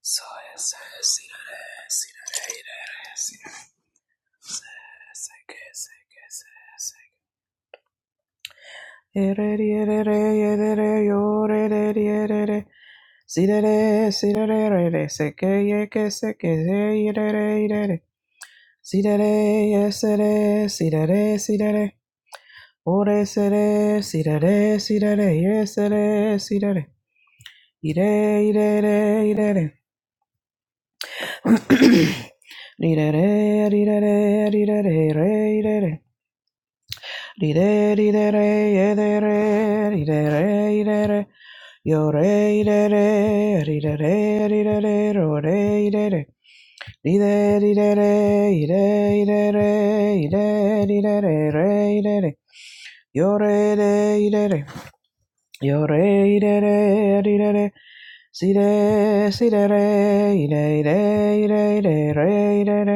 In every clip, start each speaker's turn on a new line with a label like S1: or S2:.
S1: Soy ese sirare, sirare, ire, sirare, se, que, se, que, se, se. Ere, ri, ere, re, ere, re, yo, re, re, ri, ere, re. Sirare, sirare, re, si, re, se, que, ye, que, se, que, re, re, re. re, sirare, re, re, sirare. re, si, re. Ri, re, re, ri, re, re, ri, re, re, re, re. Di de di Re re ye de re di re re re re re yo re re re re re re re di de re ro re re re re re re di re re re re re di de di de re re di de re yo re re re re yo re re re re di de re si re si re re re re re re re di de re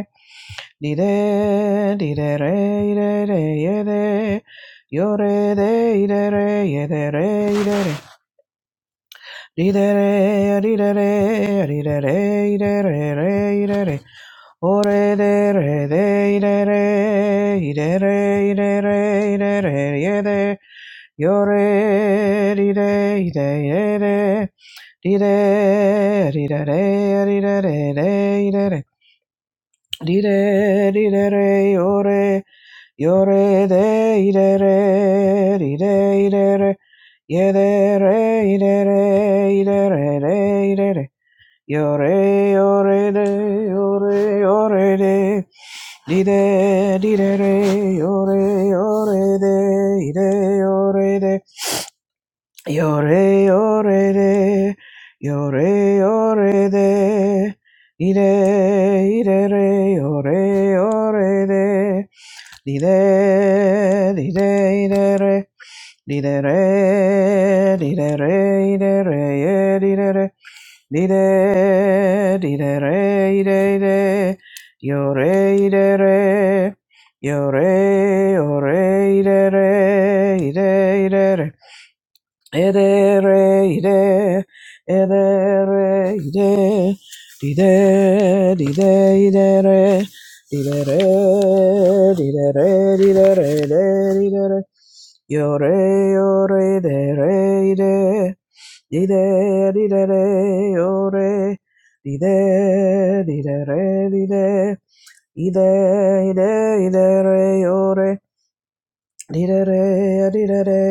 S1: Di de, di de re, di de re, ye de. Yo re de, i de re, ye de re, i de re. Di de re, di de re, di de re, i de re, re, i de re. O re de re de, i de re, i de re, i de re, i de re, ye de. Yo re, di de, i de, ye de. Di de, di de re, di de re, de, i de re. Dide, dide, re, yore, yore, de, ide, re, dide, ide, re, yede, re, ide, re, ide, re, de, ide, re, yore, yore, de, yore, yore, de, dide, dide, re, yore, yore, de, ide, yore, de, Yore yore de, yore yore de, ire ire re, yore yore de, dide dide ire re, dide re, dide re, ire re, ye dide re, dide dide re, ire ire, yore ire re, yore yore ire re, ire ire re. Ere re ire, ere re ire, dide dide ide re, dide re, dide re, dide re, de, dide re, yo re yo re de re ide, dide dide re yo re, dide dide re dide, ide ide ide re yo re. Dee-da-da, dee-da-da,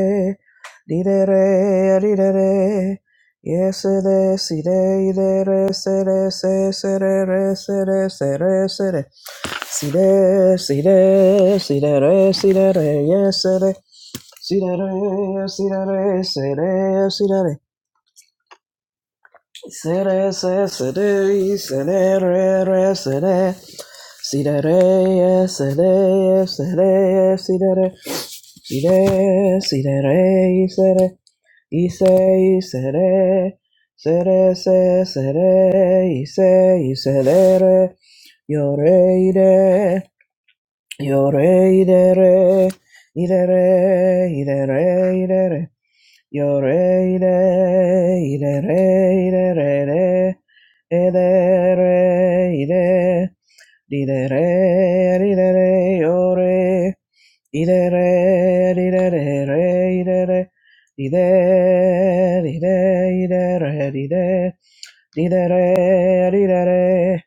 S1: dee-da-da, dee-da-da. Yes, it is, it is, it is, it is, it is, it is, it is, it is, it is, it is, it is, it is, it is, yes, it is. It is, it is, it is, it is. It is, it is, it is, it is, it is. Sidere, sidere, sidere, sidere. Sire, sire, sire, ise, sire, sere, se, sere, ise, iselere, yore, ire, yore, idere, idere, idere, idere, yore, ide, idere, idere, ide, edere, ide, didere, idere, yore, Idere idere re, idere ire, re. idere ire, idere idere ire. Ire, re, ire, re.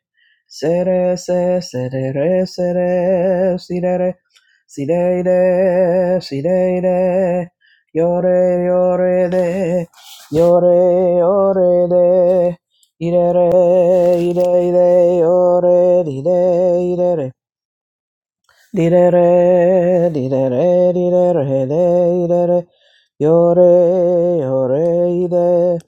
S1: Se, re, se, se, re, re, se, re, si, re, re. Si, re, si, de. Yo, re, de. Ire, re, ire, ire, yo, re, Di-da-re, di-da-re, di-da-re, de, di-da-re. Yore, yore, ide.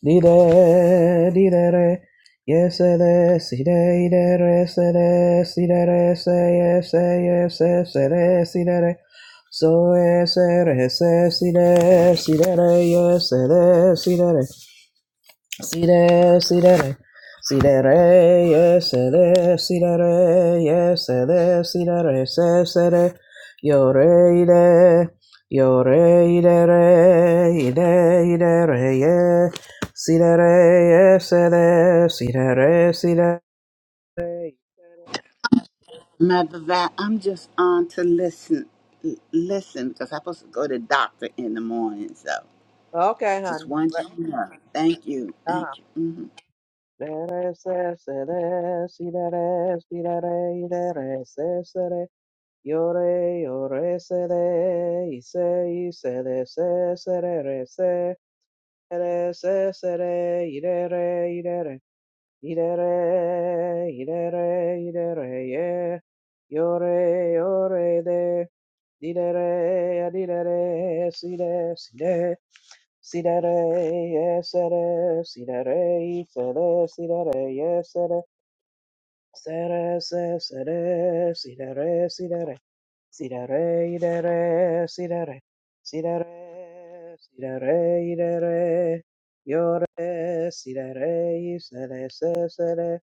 S1: Di-de, di-da-re. Yes, eh, de, di de, di de re, ye se de, si, de, ide, re, se, de, si, de, re, se, yes, eh, yes, eh, se, de, si, de, re. So, eh, se, re, se, si, de, si, de, re, yes, eh, de, si, de, re. Si re, si re, re. Si re, re, yes, se re, si re, re, yes, se re, si re, re, se, se re. Yo re, i re. Yo re, i re, re, i re, i re, re, ye. Si re, re, yes, se re, si re, re, si re, re.
S2: Matter of fact, I'm just on to listen, l- listen, because I'm supposed to go to the doctor in the morning. So
S1: Okay,
S2: just
S1: hon.
S2: want
S1: Right.
S2: you to know. Thank you,
S1: Uh-huh.
S2: thank you. Mm-hmm.
S1: Re, re, se, se re, si re, re, si re, re, i re, re, se, se re. Yore, yore, se de, ise, ise de, se, se re, re, se, re, se, se re, ire, re, ire, re, ire, re, ire, re, ire, re, ye. Yore, yore, de, dire, re, adire, re, si de, si de. Sidere, yesere, sidere, ifere, sidere, yesere, sere, se, sere, sidere, sidere, Sidere, idere, sidere, sidere, sidere, idere, yore, sidere, isere, sesere,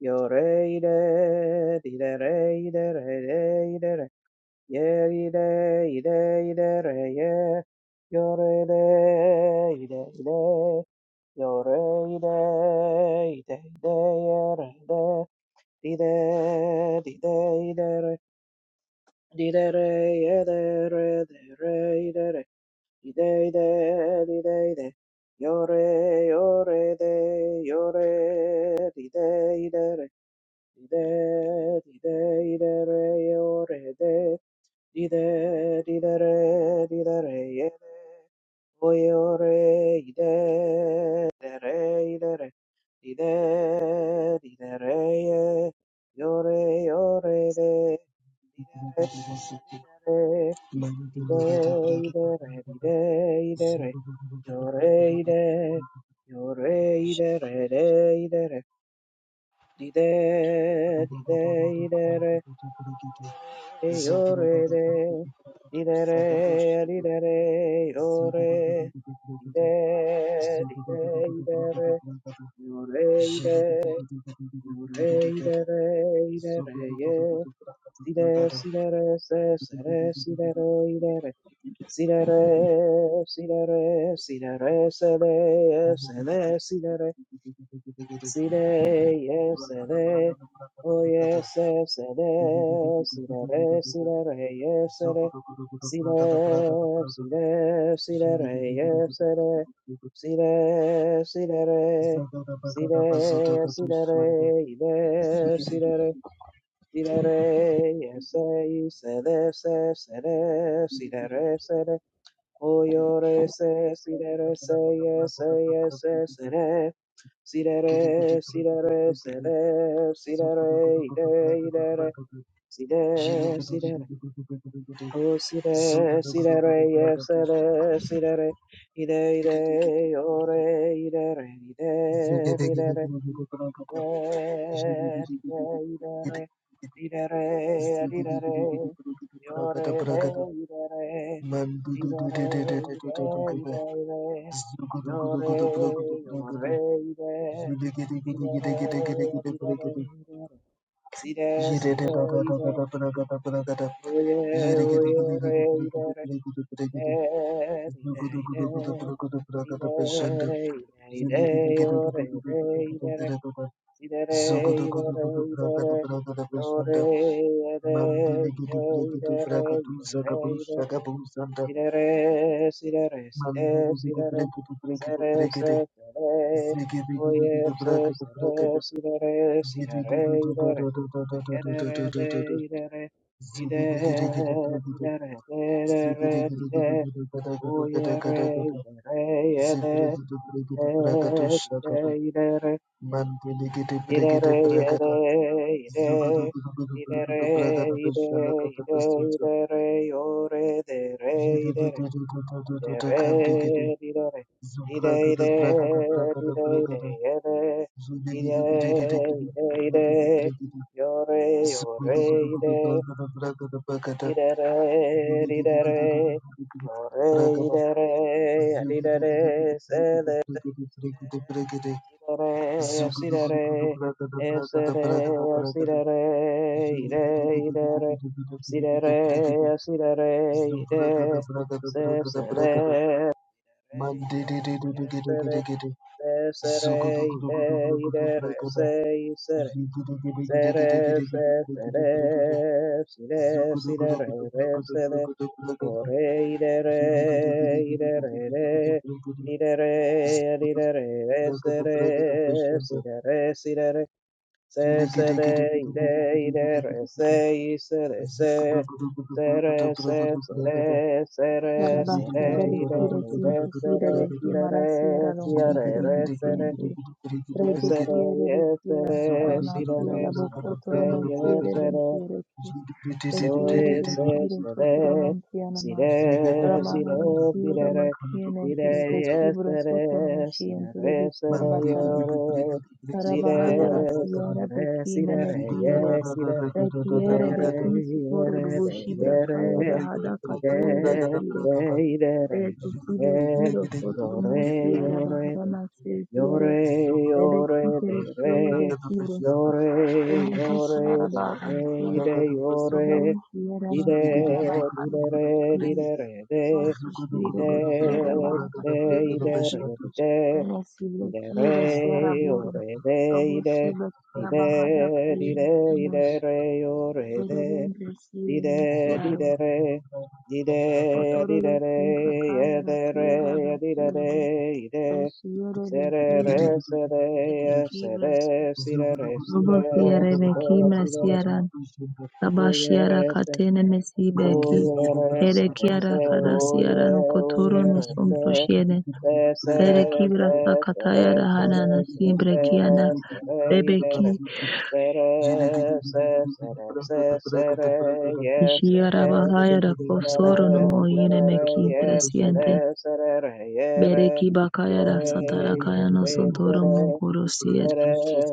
S1: yore, ide, didere, idere, ide, idere, yer, ide, ide, idere, ye, yore, ide, ide, ide, yore, ide, ide, ide, yere, ide, dide, dide, idere, Di Yore, yore, de,
S3: Zugu
S1: didere, Ide, ide, re, ide, ide, re, yo, re, ide, yo, re, ide, re, re, ide, re, dide, dide, ide, re, yo, re, yo, re, de, dide, re, dide, re, yo, re, dide, dide, ide, re, yo, re, ide, yo, re, ide, re, ide, re, ye, side, side, re, se, se, re, side, re, ide, re, Si re re, si re re, si re re, se re, se re, si re re, si re, ye, se re, o ye, se, se
S3: Zagada
S1: re, si re re, si re re, ye, se re, si re, si re, si re re, ye, se re, si re, si re re, si re, si re re, i re, si re re, si re re, ye, se, i se re, se, se re, si re re, se re, Oyore se sidere se ye se ye se sere sidere sidere sere sidere ide idere side sidere o side sidere ye sere sidere ide ide ore idere ide idere Yore,
S3: Zugudu Zogodogodogodo bragada bragada
S1: Idere, idere, idere, yore,
S3: bashanda Mandele
S1: ede,
S3: gidi
S1: ide,
S3: bregidi
S1: idere,
S3: bragadu zagadu
S1: idere,
S3: shagabu zanda.
S1: idere, sidere, sidere, side,
S3: Mandele gidi
S1: sidere,
S3: bregidi bregidi
S1: sere,
S3: bregidi.
S1: se, sere,
S3: Zigidi gidi
S1: oye,
S3: gidi
S1: se,
S3: bragadu
S1: sere,
S3: bragadu.
S1: sidere,
S3: Zidi di di
S1: sidere,
S3: di da
S1: idere,
S3: da da da da da da da
S1: edere,
S3: da da
S1: de,
S3: da da.
S1: idere,
S3: Zigidi gidi gidi
S1: ide,
S3: bregidi.
S1: idere,
S3: Zigidi
S1: dedere,
S3: gidi gidi
S1: dide,
S3: gidi gada gada gada
S1: oye,
S3: gada
S1: re,
S3: gada.
S1: idere, ede,
S3: Zibregidi
S1: ide,
S3: bregidi bragadu shagadu.
S1: ide, idere,
S3: Mandele gidi bregidi
S1: Idere yidere,
S3: bragada.
S1: yidere,
S3: Zugidi gidi gidi
S1: idere
S3: bregidi bragadu
S1: yidere, yidere,
S3: shalakata basu.
S1: idere yore,
S3: Bragada,
S1: dere, idere idere idere yide, yide, yide, yide, yede, yide, yide, yide, yore, yore, yide, yidere, yidere, yore, yidere, yidere, sele. Sirere, sirere, esere, sirere, ire, irere, sirere, sirere, ire, se, sele, re, irere, esere, se, sere, ire, ire, re, se, isere, sere, se, sere, sire, sirere, re, sele, Ore idere idere idere idere sere sidere sidere se sede ide idere se isere se sere se sere sere
S4: Yarabasia,
S1: sere
S4: Rebekira,
S1: idere re
S4: Sinti, Sire,
S1: sere
S4: Behi, Marasia,
S1: sidere sidere
S4: Ronconturum,
S1: re sere
S4: Sinti,
S1: esere
S4: Regesia,
S3: Zugu
S4: Rebekira,
S1: esere
S4: Ranasia,
S1: sidere sere se
S4: Rabocoturum, Sire,
S1: yesere
S4: Lentire,
S1: so
S4: Beshire,
S1: it's it's
S4: Bekire,
S1: today,
S4: Coturum, Tianama,
S1: today, today,
S4: Ramara, Sire,
S1: today,
S4: Mekien, Entire,
S1: today,
S4: Bekibro, Sotonum,
S1: yesterday,
S4: Siente,
S1: today, today,
S4: Bekian, Batara,
S1: yore,
S4: Carabahaya,
S1: today,
S4: Rasia,
S1: today,
S4: Rebeki,
S1: today,
S4: Menekiere,
S1: yes, today,
S4: Rekiere,
S1: yere,
S4: Beki, Sutoro,
S1: yere, de,
S4: Vushibra, Kaya,
S1: yere,
S4: Dahada, Katere,
S1: today,
S4: Bekire,
S1: today,
S4: Retisile
S1: yere,
S4: kiro soturmo siere
S1: yore, yore,
S4: baharana se
S1: Yore,
S4: rebe
S1: yore, de
S4: kitere siere de
S1: re.
S4: kiro
S1: Yore,
S4: remonte siara
S1: yore, de
S4: baran
S1: re,
S4: sien
S1: ide,
S4: rebere
S1: yore.
S4: siere ben
S1: Dide,
S3: Zugu
S4: siara bahari
S1: dide, re,
S4: kutukien
S1: dide, re, de.
S4: sonte siere
S1: Dide,
S4: de kiara bahara
S1: dide,
S4: kalera de
S1: ide,
S4: ki
S1: re, dije.
S4: rebe siere
S1: Dide, re,
S4: kiro siara buru
S1: yore, de,
S4: robo
S1: ide.
S4: siere kia bahada
S1: Dide,
S4: kairi
S1: dide,
S4: kinos
S1: ide, re, yore,
S4: kede
S1: de.
S4: bende siere ben
S1: Dide,
S4: siaro
S1: dide, re. Dide,
S4: Otororo
S1: dide, re.
S4: kimbra kaya da
S1: Yede,
S4: siera da
S1: re. Dide, re. Ide.
S4: Rosiere de
S1: Sere,
S4: kiene
S1: re,
S4: de
S1: sere,
S4: kibros
S1: sere, sire, re,
S4: rubo
S1: sire,
S4: siere de
S1: sire,
S4: kimra
S1: sire, re.
S4: siera raba
S1: Oye,
S4: shiara
S1: re, se.
S4: katene mesibe ki
S1: Oye, re,
S4: here
S1: sere,
S4: kiara
S1: se.
S4: kada siera
S1: Oye,
S4: no kotoro
S1: oye,
S4: no
S1: re, se.
S4: sombro shiene
S1: Se,
S4: bere
S1: sere,
S4: kibra
S1: se,
S4: sa
S1: sere,
S4: kataya da hana
S1: sere,
S4: na
S1: se,
S4: simbre kiana
S1: sere, sere,
S4: bebe
S1: ide,
S4: ki
S1: re. Sere, se, sere, se, sere, ye,
S4: shiara
S1: sere,
S3: Thank
S4: bahaya da
S1: Serere,
S4: kosoro no moine me
S1: serere,
S4: ki
S1: ye,
S4: interesiente
S1: sere, serere, ye,
S4: bere
S1: re,
S4: ki bakaya da
S1: yore,
S4: satara kaya no
S1: yore,
S4: sontoro
S1: sere,
S4: mongoro sier
S1: sere,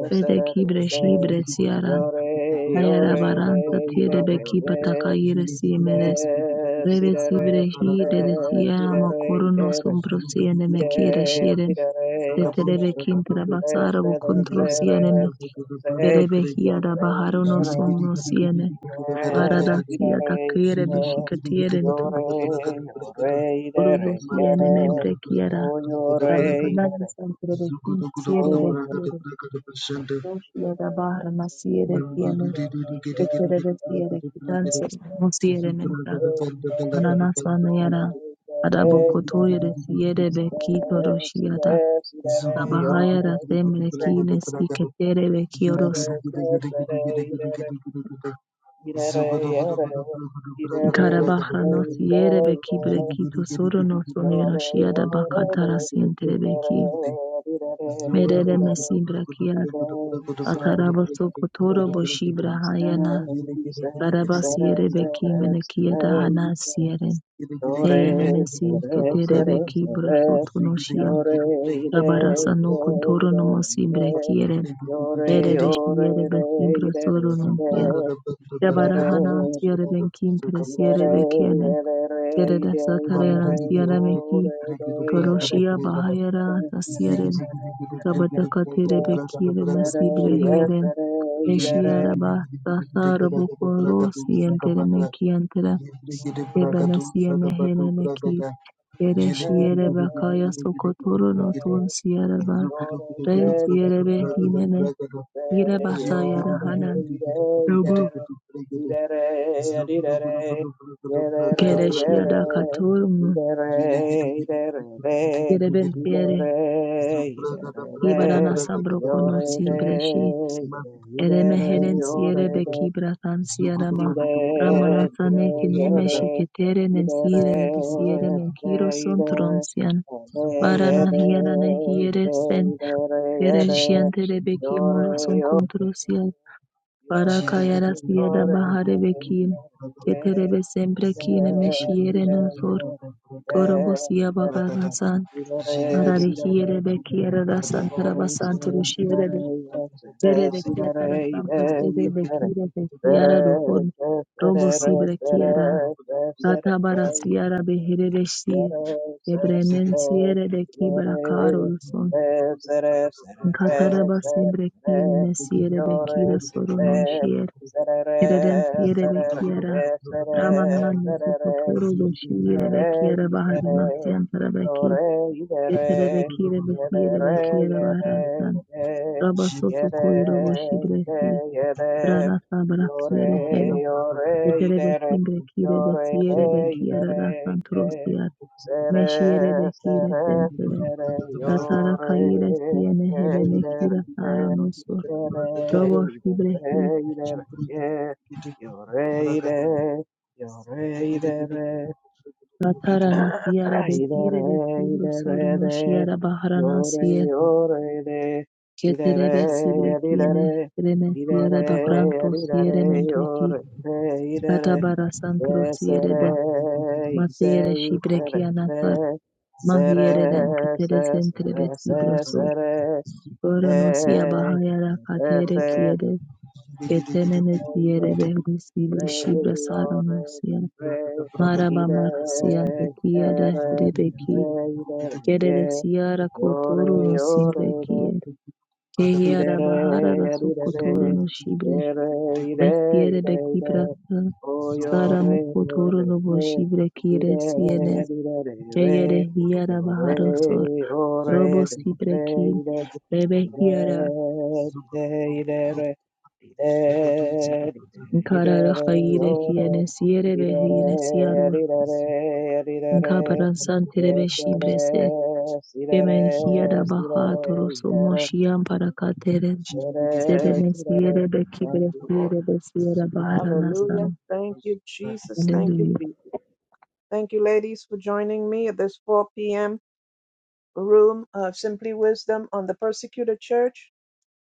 S4: bere ki
S1: serere, ye,
S4: breshi bresiara
S1: yore, yore, de,
S4: Ayarabarantza
S1: idere,
S4: tiedebeki
S1: ye,
S4: patakayeresi emeres.
S1: ide,
S4: Revesi
S1: sidere,
S4: brehi
S1: sere,
S4: dedesiara
S1: sidere,
S4: makorono
S1: idere,
S4: sombrosiene
S1: ide,
S4: mekire shiren.
S1: sidere, ye, sidere,
S4: Teterebekin
S1: se,
S4: trabasara
S1: sere,
S4: vukontrosiene
S1: sere, sere, se,
S4: erebehi
S1: yore,
S4: arabaharono
S1: idere,
S4: somnosiene.
S1: Si si si si si si si si si re si re re
S4: Varadasia takere beshikatierento.
S1: ye
S3: you. Zugu
S4: Orodosiene memprekiara.
S1: si
S4: Rabahanani santrebekin
S1: re
S4: siere
S1: re si
S4: bekioro. Roshi arabahara masiere kiene. Keterebesiere kitanse.
S1: yo yo yo yo yo
S4: Musiere
S1: re, i
S4: mentra.
S1: de re, i
S4: Ananasanyara
S1: de re,
S4: Arabokotoyere Siere
S1: si re,
S4: Beki
S1: si
S4: Toroshiata
S1: re, si re, re, yo re,
S4: Rabahayara
S1: si re,
S4: Semrekine Siketere
S1: si
S4: Bekioros
S1: re, si re, si re, i de re, i de re. ye
S4: Karabahra no Siere Beki
S1: re.
S4: Brekito Soro no
S1: Yore,
S4: Sonera Shiada Bakatara Sientere Beki
S3: Ziggy,
S4: Merere Mesim Brakiar Ataraboso Kotoro Boshi Brahayana Karabasiere Beki Menekieda Hana Siere Eyene Mesi Ketere Beki Brosotunoshia Rabarasa no contoro no mosimbre kiere. Erebe shiere be timbro soro nuntia. Rabara hanan siere ben kintre siere be kiene. Kere da satareran siere meki ki. Koroshia bahayara ta siere. Sabata katere be kiere masibre hieren.
S3: Zubra gada braga da braga da
S4: Eshiara
S1: Yes,
S4: ba tasara bukoro
S3: braga
S4: sientere me kientere. Ebe meki here me
S1: Yore
S4: Ere
S1: de,
S4: shiere
S1: yore
S4: bakaya sokotoro no tun siere ba. Res yerebe hinene yirebasa yarahanan Robo Gereshiyada katorum
S1: de,
S4: yereben yere ibarana sambro kono
S3: junto,
S4: simbreshi
S3: mas
S4: ereme
S3: braga
S4: heren
S3: da
S1: yore
S4: sierebe
S3: braga
S1: de,
S4: kibratan
S3: Zugudu
S4: sierama
S1: Dide,
S4: ramanasane kineme
S1: deyede,
S4: shiketere nen
S1: idere,
S4: sire de besiere men kiro son
S1: deyide,
S4: tronsian varana
S1: deyede,
S4: hienane hiere sen
S1: idere, yede,
S4: gereshian terebe
S1: yore,
S4: kimoro
S1: yore,
S4: son
S1: yore,
S4: Barakayara siyada
S1: yore,
S4: bahare bekine.
S1: idere, ye,
S4: Keterebe sempre
S1: ide,
S4: kine meşiyere
S1: ide,
S4: nosor.
S1: ide,
S4: Korobo siya
S1: idere,
S4: babarasan.
S1: idere,
S4: Arare
S1: sidere,
S4: hiyere
S1: sidere,
S4: bekiyere rasan
S1: yore,
S4: tarabasan
S1: sidere,
S4: turuşiyere
S1: sidere,
S4: de.
S1: ye, sidere, Yere
S4: Zere de kiya
S1: sidere,
S4: tarasan
S1: ide,
S4: pasede
S1: idere,
S4: bekire de siyara
S1: Yore,
S4: dohon. Robo sibre kiyara. Katabara siyara behere beşiye. Ebrenen siyere de kibra
S3: Thank
S4: karolusun. Kataraba sibre kine mesiyere bekire soronon Yereden yere bekiara Ramana Nesokotoro Doshi
S1: Yere,
S4: Bekiara Bahari
S1: yere,
S4: Masyan Tarabeki
S1: yore,
S4: Yetere
S1: yere,
S4: Bekire Besi Yere
S1: yere, yere,
S4: Bekiara Baharansan
S1: yere,
S4: Rabasoto
S1: yere,
S4: Koyro Boshi Bresi
S1: yere, yere,
S4: Rana sabra
S1: yore,
S4: Yere Here
S1: yore,
S4: Yetere Besim
S1: yere,
S4: Brekire
S1: yore,
S4: Besi Yere
S1: yere,
S4: Bekiara Rasan
S1: yere, yere,
S4: Trosiyar Meshi Yere
S1: sere,
S4: Bekire
S1: sere,
S4: Sensere
S1: sere,
S4: Ratara
S1: yore,
S3: you.
S4: Kayire Siyene
S3: Thank
S4: Hele
S1: yere,
S4: Mekira
S1: yere,
S4: Saranosor
S1: yere,
S4: Robos Ibrehi
S1: yere, yere, yere,
S3: you.
S1: yore, yere, yore, yere,
S4: Katarana fiara de
S1: Idere
S4: hire de fibro
S1: idere
S4: sorono
S1: de,
S4: shiara baharana
S1: yore
S4: sie
S1: yore de, idere
S4: keterebe sibre kiene
S1: idere,
S4: reme siere
S1: idere
S4: babranto siere
S1: idere,
S4: mempreki
S1: yore de idere
S4: katabara
S1: se
S4: santro siere de
S1: se
S4: matere
S1: se
S4: shibre
S1: se
S4: kiana sar
S1: se se
S4: mahiere den katere
S1: se se se se
S4: sentrebe
S1: se
S4: sibro
S1: se se se se
S4: sor sorono sia bahayara katere
S1: se
S4: kiere ketenene
S1: se se
S4: siere de sibre shibra
S1: re, o
S4: sarano
S1: re,
S4: sia
S1: re,
S4: maraba
S3: Zugu
S1: ire,
S4: marasiante kiere
S1: re, re,
S4: rebeki
S1: re ire, re, ye,
S4: Kereresiara
S1: yo re,
S4: kotoro no
S1: yo
S4: simbre
S1: re, re,
S4: kiel. Kehiara
S1: ire,
S4: bahara
S1: re,
S4: raso
S1: ire,
S4: kotoro
S1: re,
S4: no shibre.
S1: ye re, ire,
S4: Mespiere
S1: ire,
S4: bekipra
S1: ire, o yo
S4: sara mu
S1: re, re,
S4: kotoro
S1: re,
S4: no bo
S1: re,
S4: shibre kire siene.
S1: ire, ire, re,
S4: Keyere
S1: re,
S4: hiara
S1: yo
S4: baharo sor.
S1: re, o
S4: Robo
S1: re,
S4: sibre
S1: re,
S4: kin.
S1: ire,
S4: Rebe
S1: 이대
S4: hiara.
S1: 이대 idere, 이대 이대
S4: Nkara
S1: idere,
S4: rahaire kiene
S1: 요래
S4: siere behine
S1: idere,
S4: siarur.
S1: idere, idere,
S4: Nkaparan santere be
S1: 예세레
S4: shibre ser.
S1: 시레레
S4: Kemen hiara
S1: 시레레
S4: bahatoro so
S1: idere,
S4: moshian para
S1: 세레 시레레 Thank you, Lord. Hallelujah. Thank you, Jesus. Thank you,
S4: Hallelujah.
S1: Jesus. Thank you, ladies, for joining me at this 4 p.m. room of Simply Wisdom on the Persecuted Church.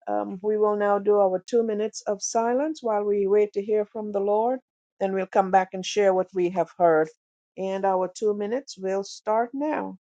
S1: Um, we will now do our two minutes of silence while we wait to hear from the Lord. Then we'll come back and share what we have heard. And our two minutes will start now.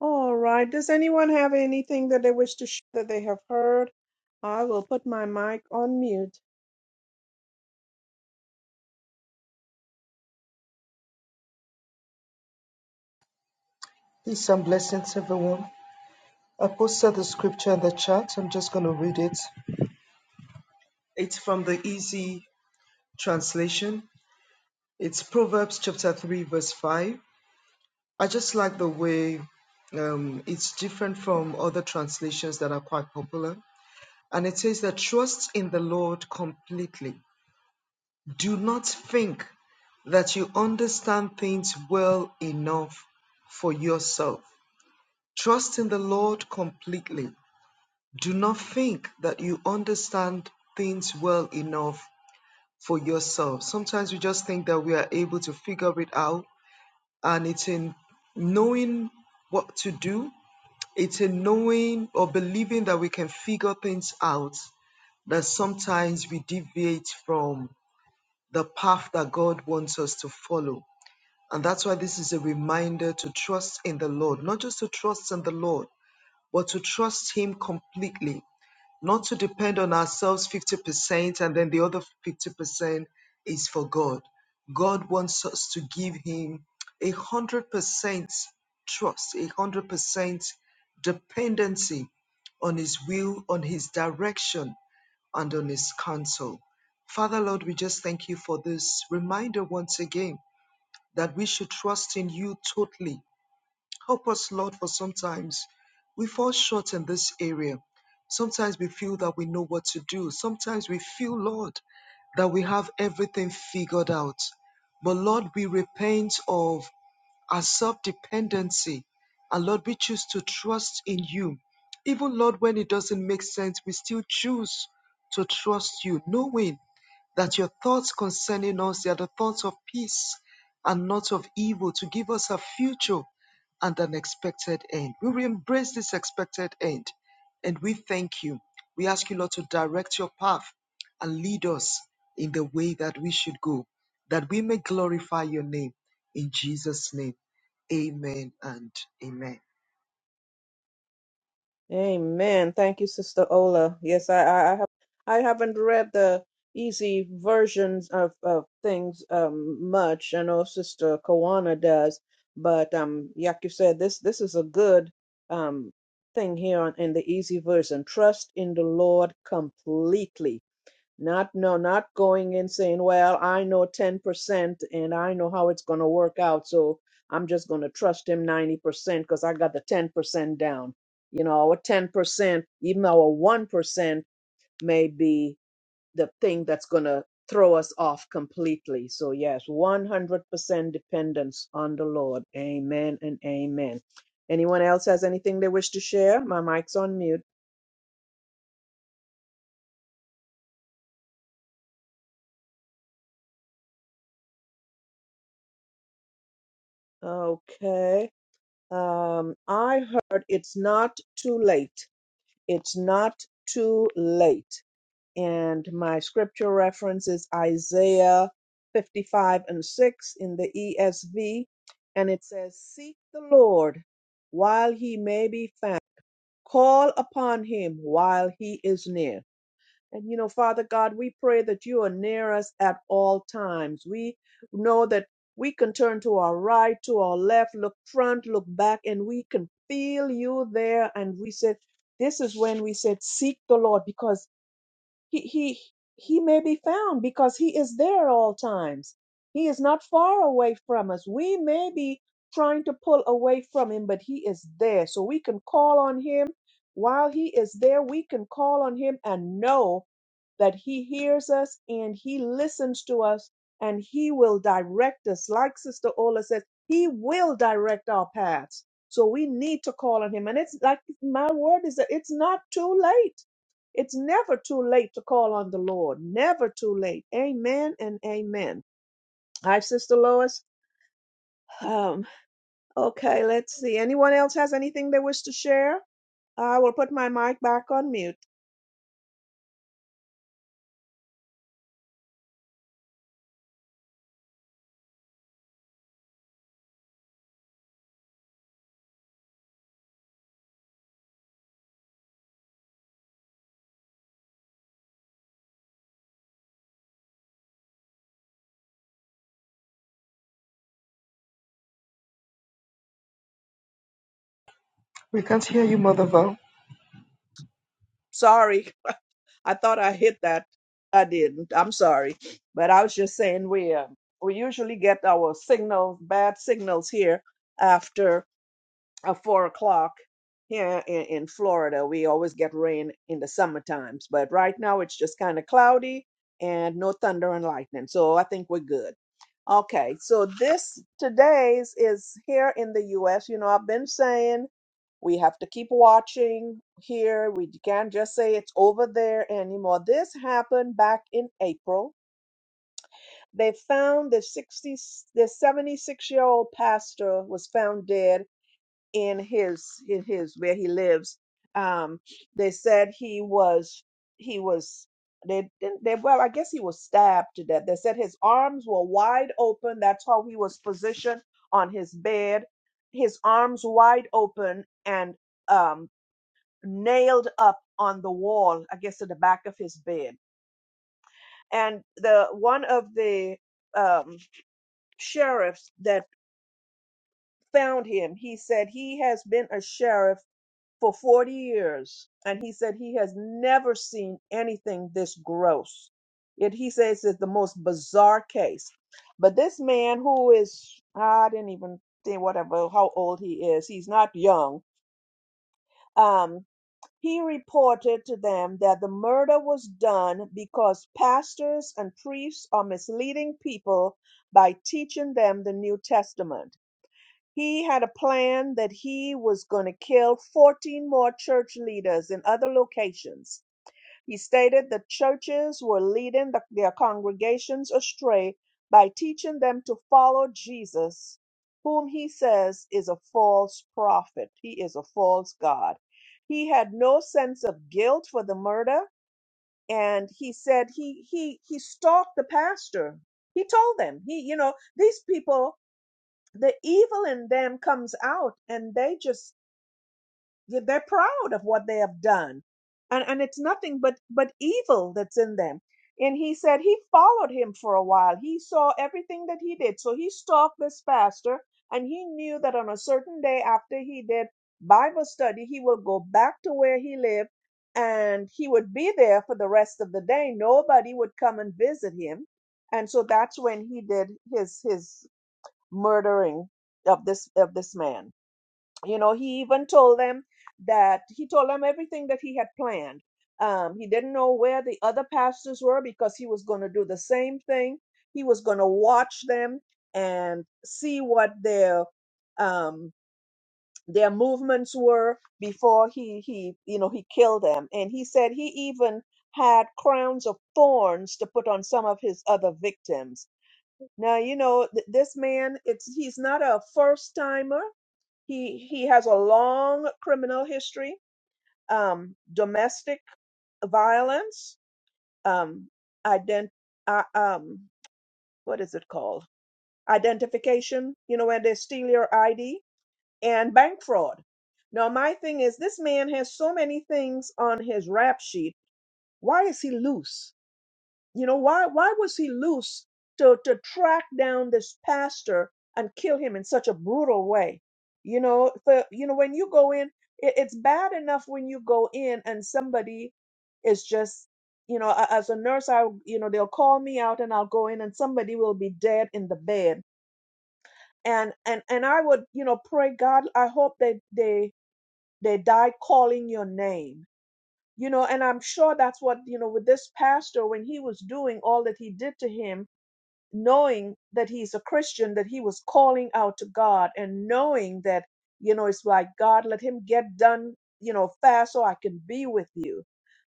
S1: All right. Does anyone have anything that they wish to share that they have heard? I will put my mic on mute.
S3: Peace and blessings, everyone. I posted the scripture in the chat. I'm just going to read it. It's from the easy translation. It's Proverbs chapter 3, verse 5. I just like the way um, it's different from other translations that are quite popular. And it says that trust in the Lord completely Do not think that you understand things well enough for yourself. Trust in the Lord completely. Do not think that you understand things well enough for yourself. Sometimes we just think that we are able to figure it out, and it's in knowing what to do, it's in knowing or believing that we can figure things out that sometimes we deviate from the path that God wants us to follow. And that's why this is a reminder to trust in the Lord, not just to trust in the Lord, but to trust Him completely, not to depend on ourselves 50% and then the other 50% is for God. God wants us to give Him a 100% trust, a 100% dependency on His will, on His direction and on his counsel. Father, Lord, we just thank you for this reminder once again that we should trust in you totally. Help us, Lord, for sometimes we fall short in this area. Sometimes we feel that we know what to do. Sometimes we feel, Lord, that we have everything figured out. But Lord, we repent of our self dependency. And Lord, we choose to trust in you. Even Lord, when it doesn't make sense, we still choose to trust you, knowing that your thoughts concerning us they are the thoughts of peace and not of evil, to give us a future and an expected end. We will embrace this expected end and we thank you. We ask you, Lord, to direct your path and lead us in the way that we should go, that we may glorify your name in Jesus' name. Amen and amen.
S1: Amen. Thank you, Sister Ola. Yes, I, I, I have. I haven't read the easy versions of, of things um, much. I know Sister Kawana does, but um, like you said, this this is a good um, thing here on, in the easy version. Trust in the Lord completely not no, not going in saying, "Well, I know 10% and I know how it's going to work out, so I'm just going to trust him 90% because I got the 10% down." You know, our 10%, even our 1% may be the thing that's going to throw us off completely. So yes, 100% dependence on the Lord. Amen and amen. Anyone else has anything they wish to share? My mic's on mute. Okay. Um, I heard it's not too late. It's not too late. And my scripture reference is Isaiah 55 and 6 in the ESV. And it says, Seek the Lord while he may be found, call upon him while he is near. And you know, Father God, we pray that you are near us at all times. We know that we can turn to our right, to our left, look front, look back, and we can feel you there. And we said, this is when we said, seek the Lord because he he he may be found because he is there all times he is not far away from us we may be trying to pull away from him but he is there so we can call on him while he is there we can call on him and know that he hears us and he listens to us and he will direct us like sister ola says he will direct our paths so we need to call on him and it's like my word is that it's not too late it's never too late to call on the Lord. Never too late. Amen and amen. Hi, Sister Lois. Um, okay, let's see. Anyone else has anything they wish to share? I will put my mic back on mute.
S3: We can't hear you, Mother Val.
S1: Sorry, I thought I hit that. I didn't. I'm sorry, but I was just saying we uh, we usually get our signals, bad signals here after at four o'clock here in, in Florida. We always get rain in the summer times, but right now it's just kind of cloudy and no thunder and lightning. So I think we're good. Okay, so this today's is here in the US. You know, I've been saying we have to keep watching here. We can't just say it's over there anymore. This happened back in April. They found the 60, the 76 year old pastor was found dead in his in his where he lives um they said he was he was they didn't they well i guess he was stabbed to death they said his arms were wide open that's how he was positioned on his bed his arms wide open and um nailed up on the wall i guess at the back of his bed and the one of the um sheriffs that found him he said he has been a sheriff for 40 years and he said he has never seen anything this gross it he says it's the most bizarre case but this man who is i didn't even think whatever how old he is he's not young um he reported to them that the murder was done because pastors and priests are misleading people by teaching them the new testament he had a plan that he was going to kill 14 more church leaders in other locations. He stated the churches were leading the- their congregations astray by teaching them to follow Jesus, whom he says is a false prophet. He is a false God. He had no sense of guilt for the murder. And he said he he he stalked the pastor. He told them he you know these people the evil in them comes out and they just they're proud of what they have done and and it's nothing but but evil that's in them and he said he followed him for a while he saw everything that he did so he stalked this pastor and he knew that on a certain day after he did bible study he will go back to where he lived and he would be there for the rest of the day nobody would come and visit him and so that's when he did his his murdering of this of this man you know he even told them that he told them everything that he had planned um, he didn't know where the other pastors were because he was going to do the same thing he was going to watch them and see what their um, their movements were before he he you know he killed them and he said he even had crowns of thorns to put on some of his other victims now you know th- this man. It's he's not a first timer. He he has a long criminal history, um, domestic violence, um, ident uh, um, what is it called? Identification. You know when they steal your ID and bank fraud. Now my thing is this man has so many things on his rap sheet. Why is he loose? You know, why why was he loose to, to track down this pastor and kill him in such a brutal way? You know, for you know, when you go in, it, it's bad enough when you go in and somebody is just you know, a- as a nurse, I you know, they'll call me out and I'll go in and somebody will be dead in the bed. And and and I would, you know, pray God, I hope they they they die calling your name you know and i'm sure that's what you know with this pastor when he was doing all that he did to him knowing that he's a Christian, that he was calling out to God and knowing that, you know, it's like, God, let him get done, you know, fast so I can be with you.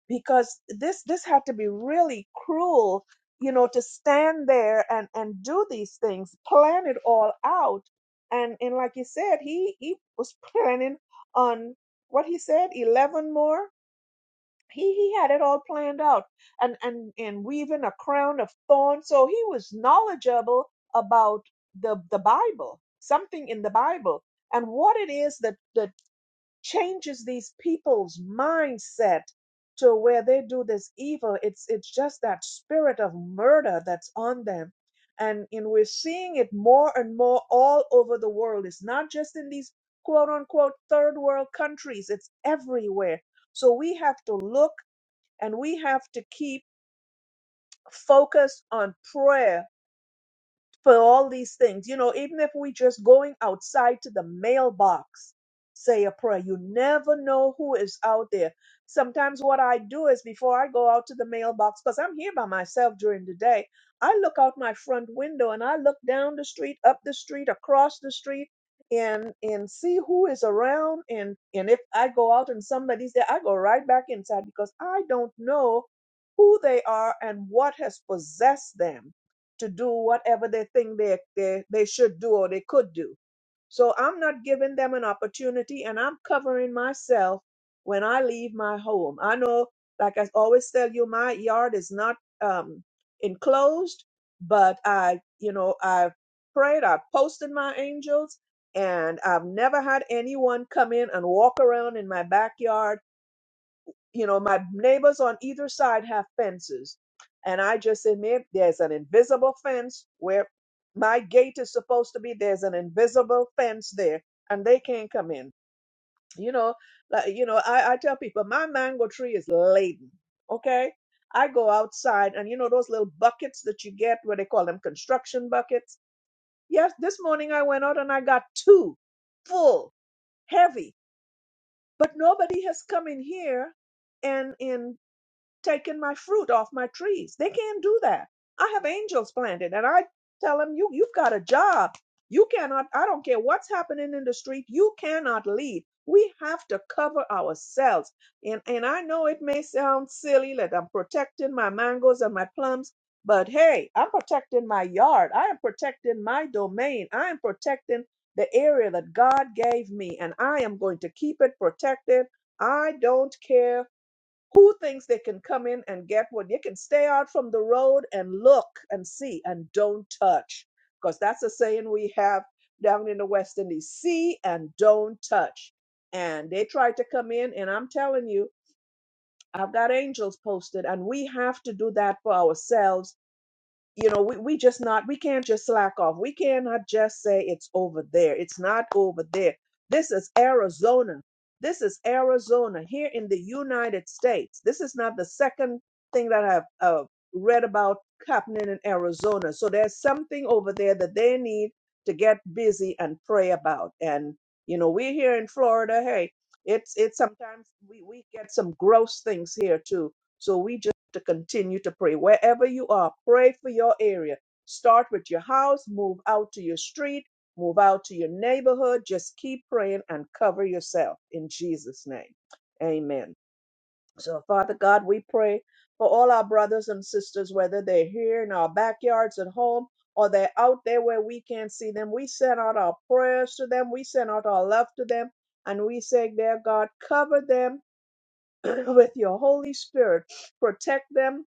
S1: Because this this had to be really cruel, you know, to stand there and and do these things, plan it all out. And and like you said, he he was planning on what he said, eleven more he he had it all planned out and and and weaving a crown of thorns so he was knowledgeable about the the bible something in the bible and what it is that that changes these people's mindset to where they do this evil it's it's just that spirit of murder that's on them and and we're seeing it more and more all over the world it's not just in these quote unquote third world countries it's everywhere so we have to look and we have to keep focused on prayer for all these things. You know, even if we just going outside to the mailbox, say a prayer. You never know who is out there. Sometimes what I do is before I go out to the mailbox, because I'm here by myself during the day, I look out my front window and I look down the street, up the street, across the street, and and see who is around. And and if I go out and somebody's there, I go right back inside because I don't know who they are and what has possessed them to do whatever they think they, they, they should do or they could do. So I'm not giving them an opportunity and I'm covering myself when I leave my home. I know, like I always tell you, my yard is not um, enclosed, but I, you know, I've prayed, I've posted my angels, and I've never had anyone come in and walk around in my backyard you know, my neighbors on either side have fences. And I just said, "Maybe there's an invisible fence where my gate is supposed to be. There's an invisible fence there, and they can't come in. You know, like, you know, I, I tell people my mango tree is laden. Okay. I go outside and you know those little buckets that you get where they call them construction buckets. Yes, this morning I went out and I got two full, heavy, but nobody has come in here and in taking my fruit off my trees. They can't do that. I have angels planted and I tell them you you've got a job. You cannot I don't care what's happening in the street, you cannot leave. We have to cover ourselves. And and I know it may sound silly that I'm protecting my mangoes and my plums, but hey, I'm protecting my yard. I am protecting my domain. I am protecting the area that God gave me and I am going to keep it protected. I don't care who thinks they can come in and get one? You can stay out from the road and look and see and don't touch. Because that's a saying we have down in the West Indies see and don't touch. And they tried to come in, and I'm telling you, I've got angels posted, and we have to do that for ourselves you know we, we just not we can't just slack off we cannot just say it's over there it's not over there this is arizona this is arizona here in the united states this is not the second thing that i've uh, read about happening in arizona so there's something over there that they need to get busy and pray about and you know we're here in florida hey it's it's sometimes we, we get some gross things here too so we just to continue to pray. Wherever you are, pray for your area. Start with your house, move out to your street, move out to your neighborhood. Just keep praying and cover yourself in Jesus' name. Amen. So, Father God, we pray for all our brothers and sisters, whether they're here in our backyards at home or they're out there where we can't see them. We send out our prayers to them, we send out our love to them, and we say, Dear God, cover them with your Holy Spirit. Protect them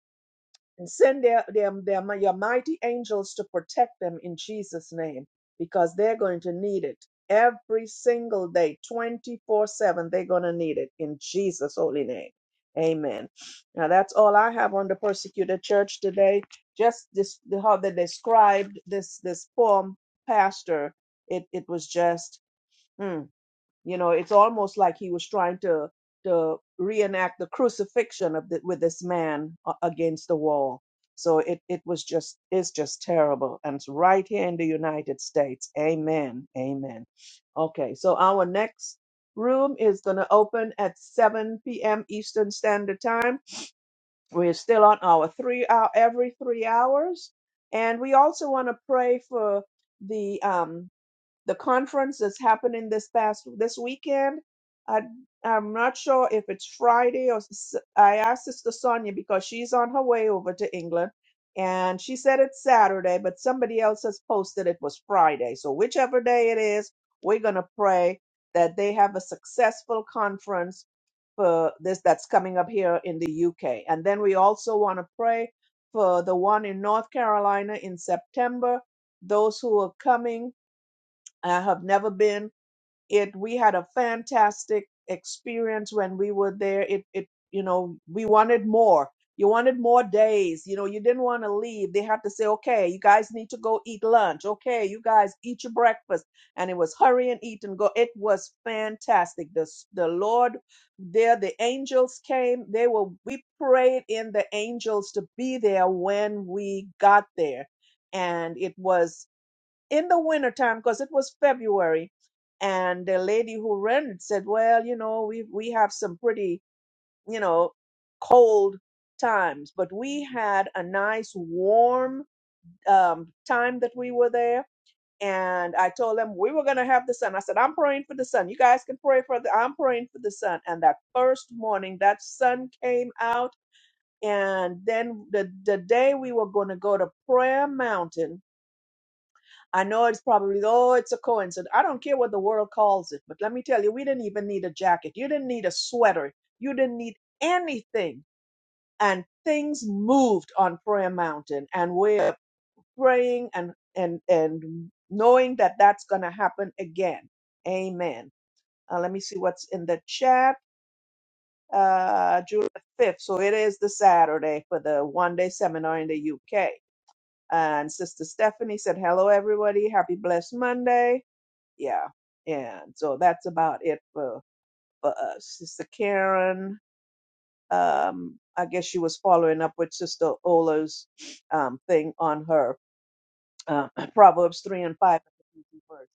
S1: and send their, their, their, your mighty angels to protect them in Jesus' name because they're going to need it every single day, 24 7. They're going to need it in Jesus' holy name. Amen. Now that's all I have on the persecuted church today. Just this, the- how they described this this poor pastor. It it was just. hmm, you know, it's almost like he was trying to to reenact the crucifixion of the, with this man a- against the wall. So it it was just it's just terrible, and it's right here in the United States. Amen. Amen. Okay, so our next room is going to open at 7 p.m. Eastern Standard Time. We're still on our three hour every three hours, and we also want to pray for the um the conference is happening this past this weekend. I I'm not sure if it's Friday or s- I asked Sister Sonia because she's on her way over to England, and she said it's Saturday, but somebody else has posted it was Friday. So whichever day it is, we're gonna pray that they have a successful conference for this that's coming up here in the UK. And then we also want to pray for the one in North Carolina in September. Those who are coming I have never been. It we had a fantastic experience when we were there. It it you know, we wanted more. You wanted more days. You know, you didn't want to leave. They had to say, okay, you guys need to go eat lunch. Okay, you guys eat your breakfast. And it was hurry and eat and go. It was fantastic. The, s- the Lord there, the angels came. They were, we prayed in the angels to be there when we got there. And it was in the wintertime because it was February. And the lady who rented said, Well, you know, we we have some pretty, you know, cold times, but we had a nice warm um, time that we were there. And I told them we were going to have the sun. I said, I'm praying for the sun. You guys can pray for the, I'm praying for the sun. And that first morning, that sun came out. And then the, the day we were going to go to Prayer Mountain, I know it's probably, oh, it's a coincidence. I don't care what the world calls it, but let me tell you, we didn't even need a jacket. You didn't need a sweater. You didn't need anything. And things moved on Prayer Mountain. And we're praying and, and, and knowing that that's going to happen again. Amen. Uh, let me see what's in the chat. Uh, July 5th. So it is the Saturday for the one day seminar in the UK. And Sister Stephanie said, hello, everybody. Happy blessed Monday yeah. And so that's about it for, for us. Sister Karen, um, I guess she was following up with Sister Ola's um, thing on her uh, Proverbs 3 and 5. verse.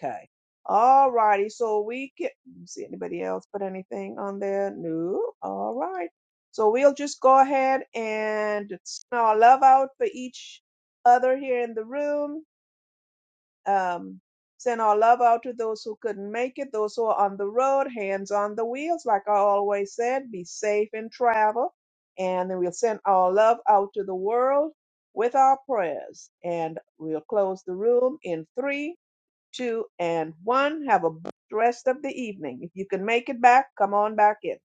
S1: Okay. All righty. So we get, see anybody else put anything on there? No. All right. So we'll just go ahead and send our love out for each other here in the room Um, send our love out to those who couldn't make it, those who are on the road, hands on the wheels, like I always said, be safe in travel. And then we'll send our love out to the world with our prayers. And we'll close the room in three, two, and one. Have a blessed rest of the evening. If you can make it back, come on back in.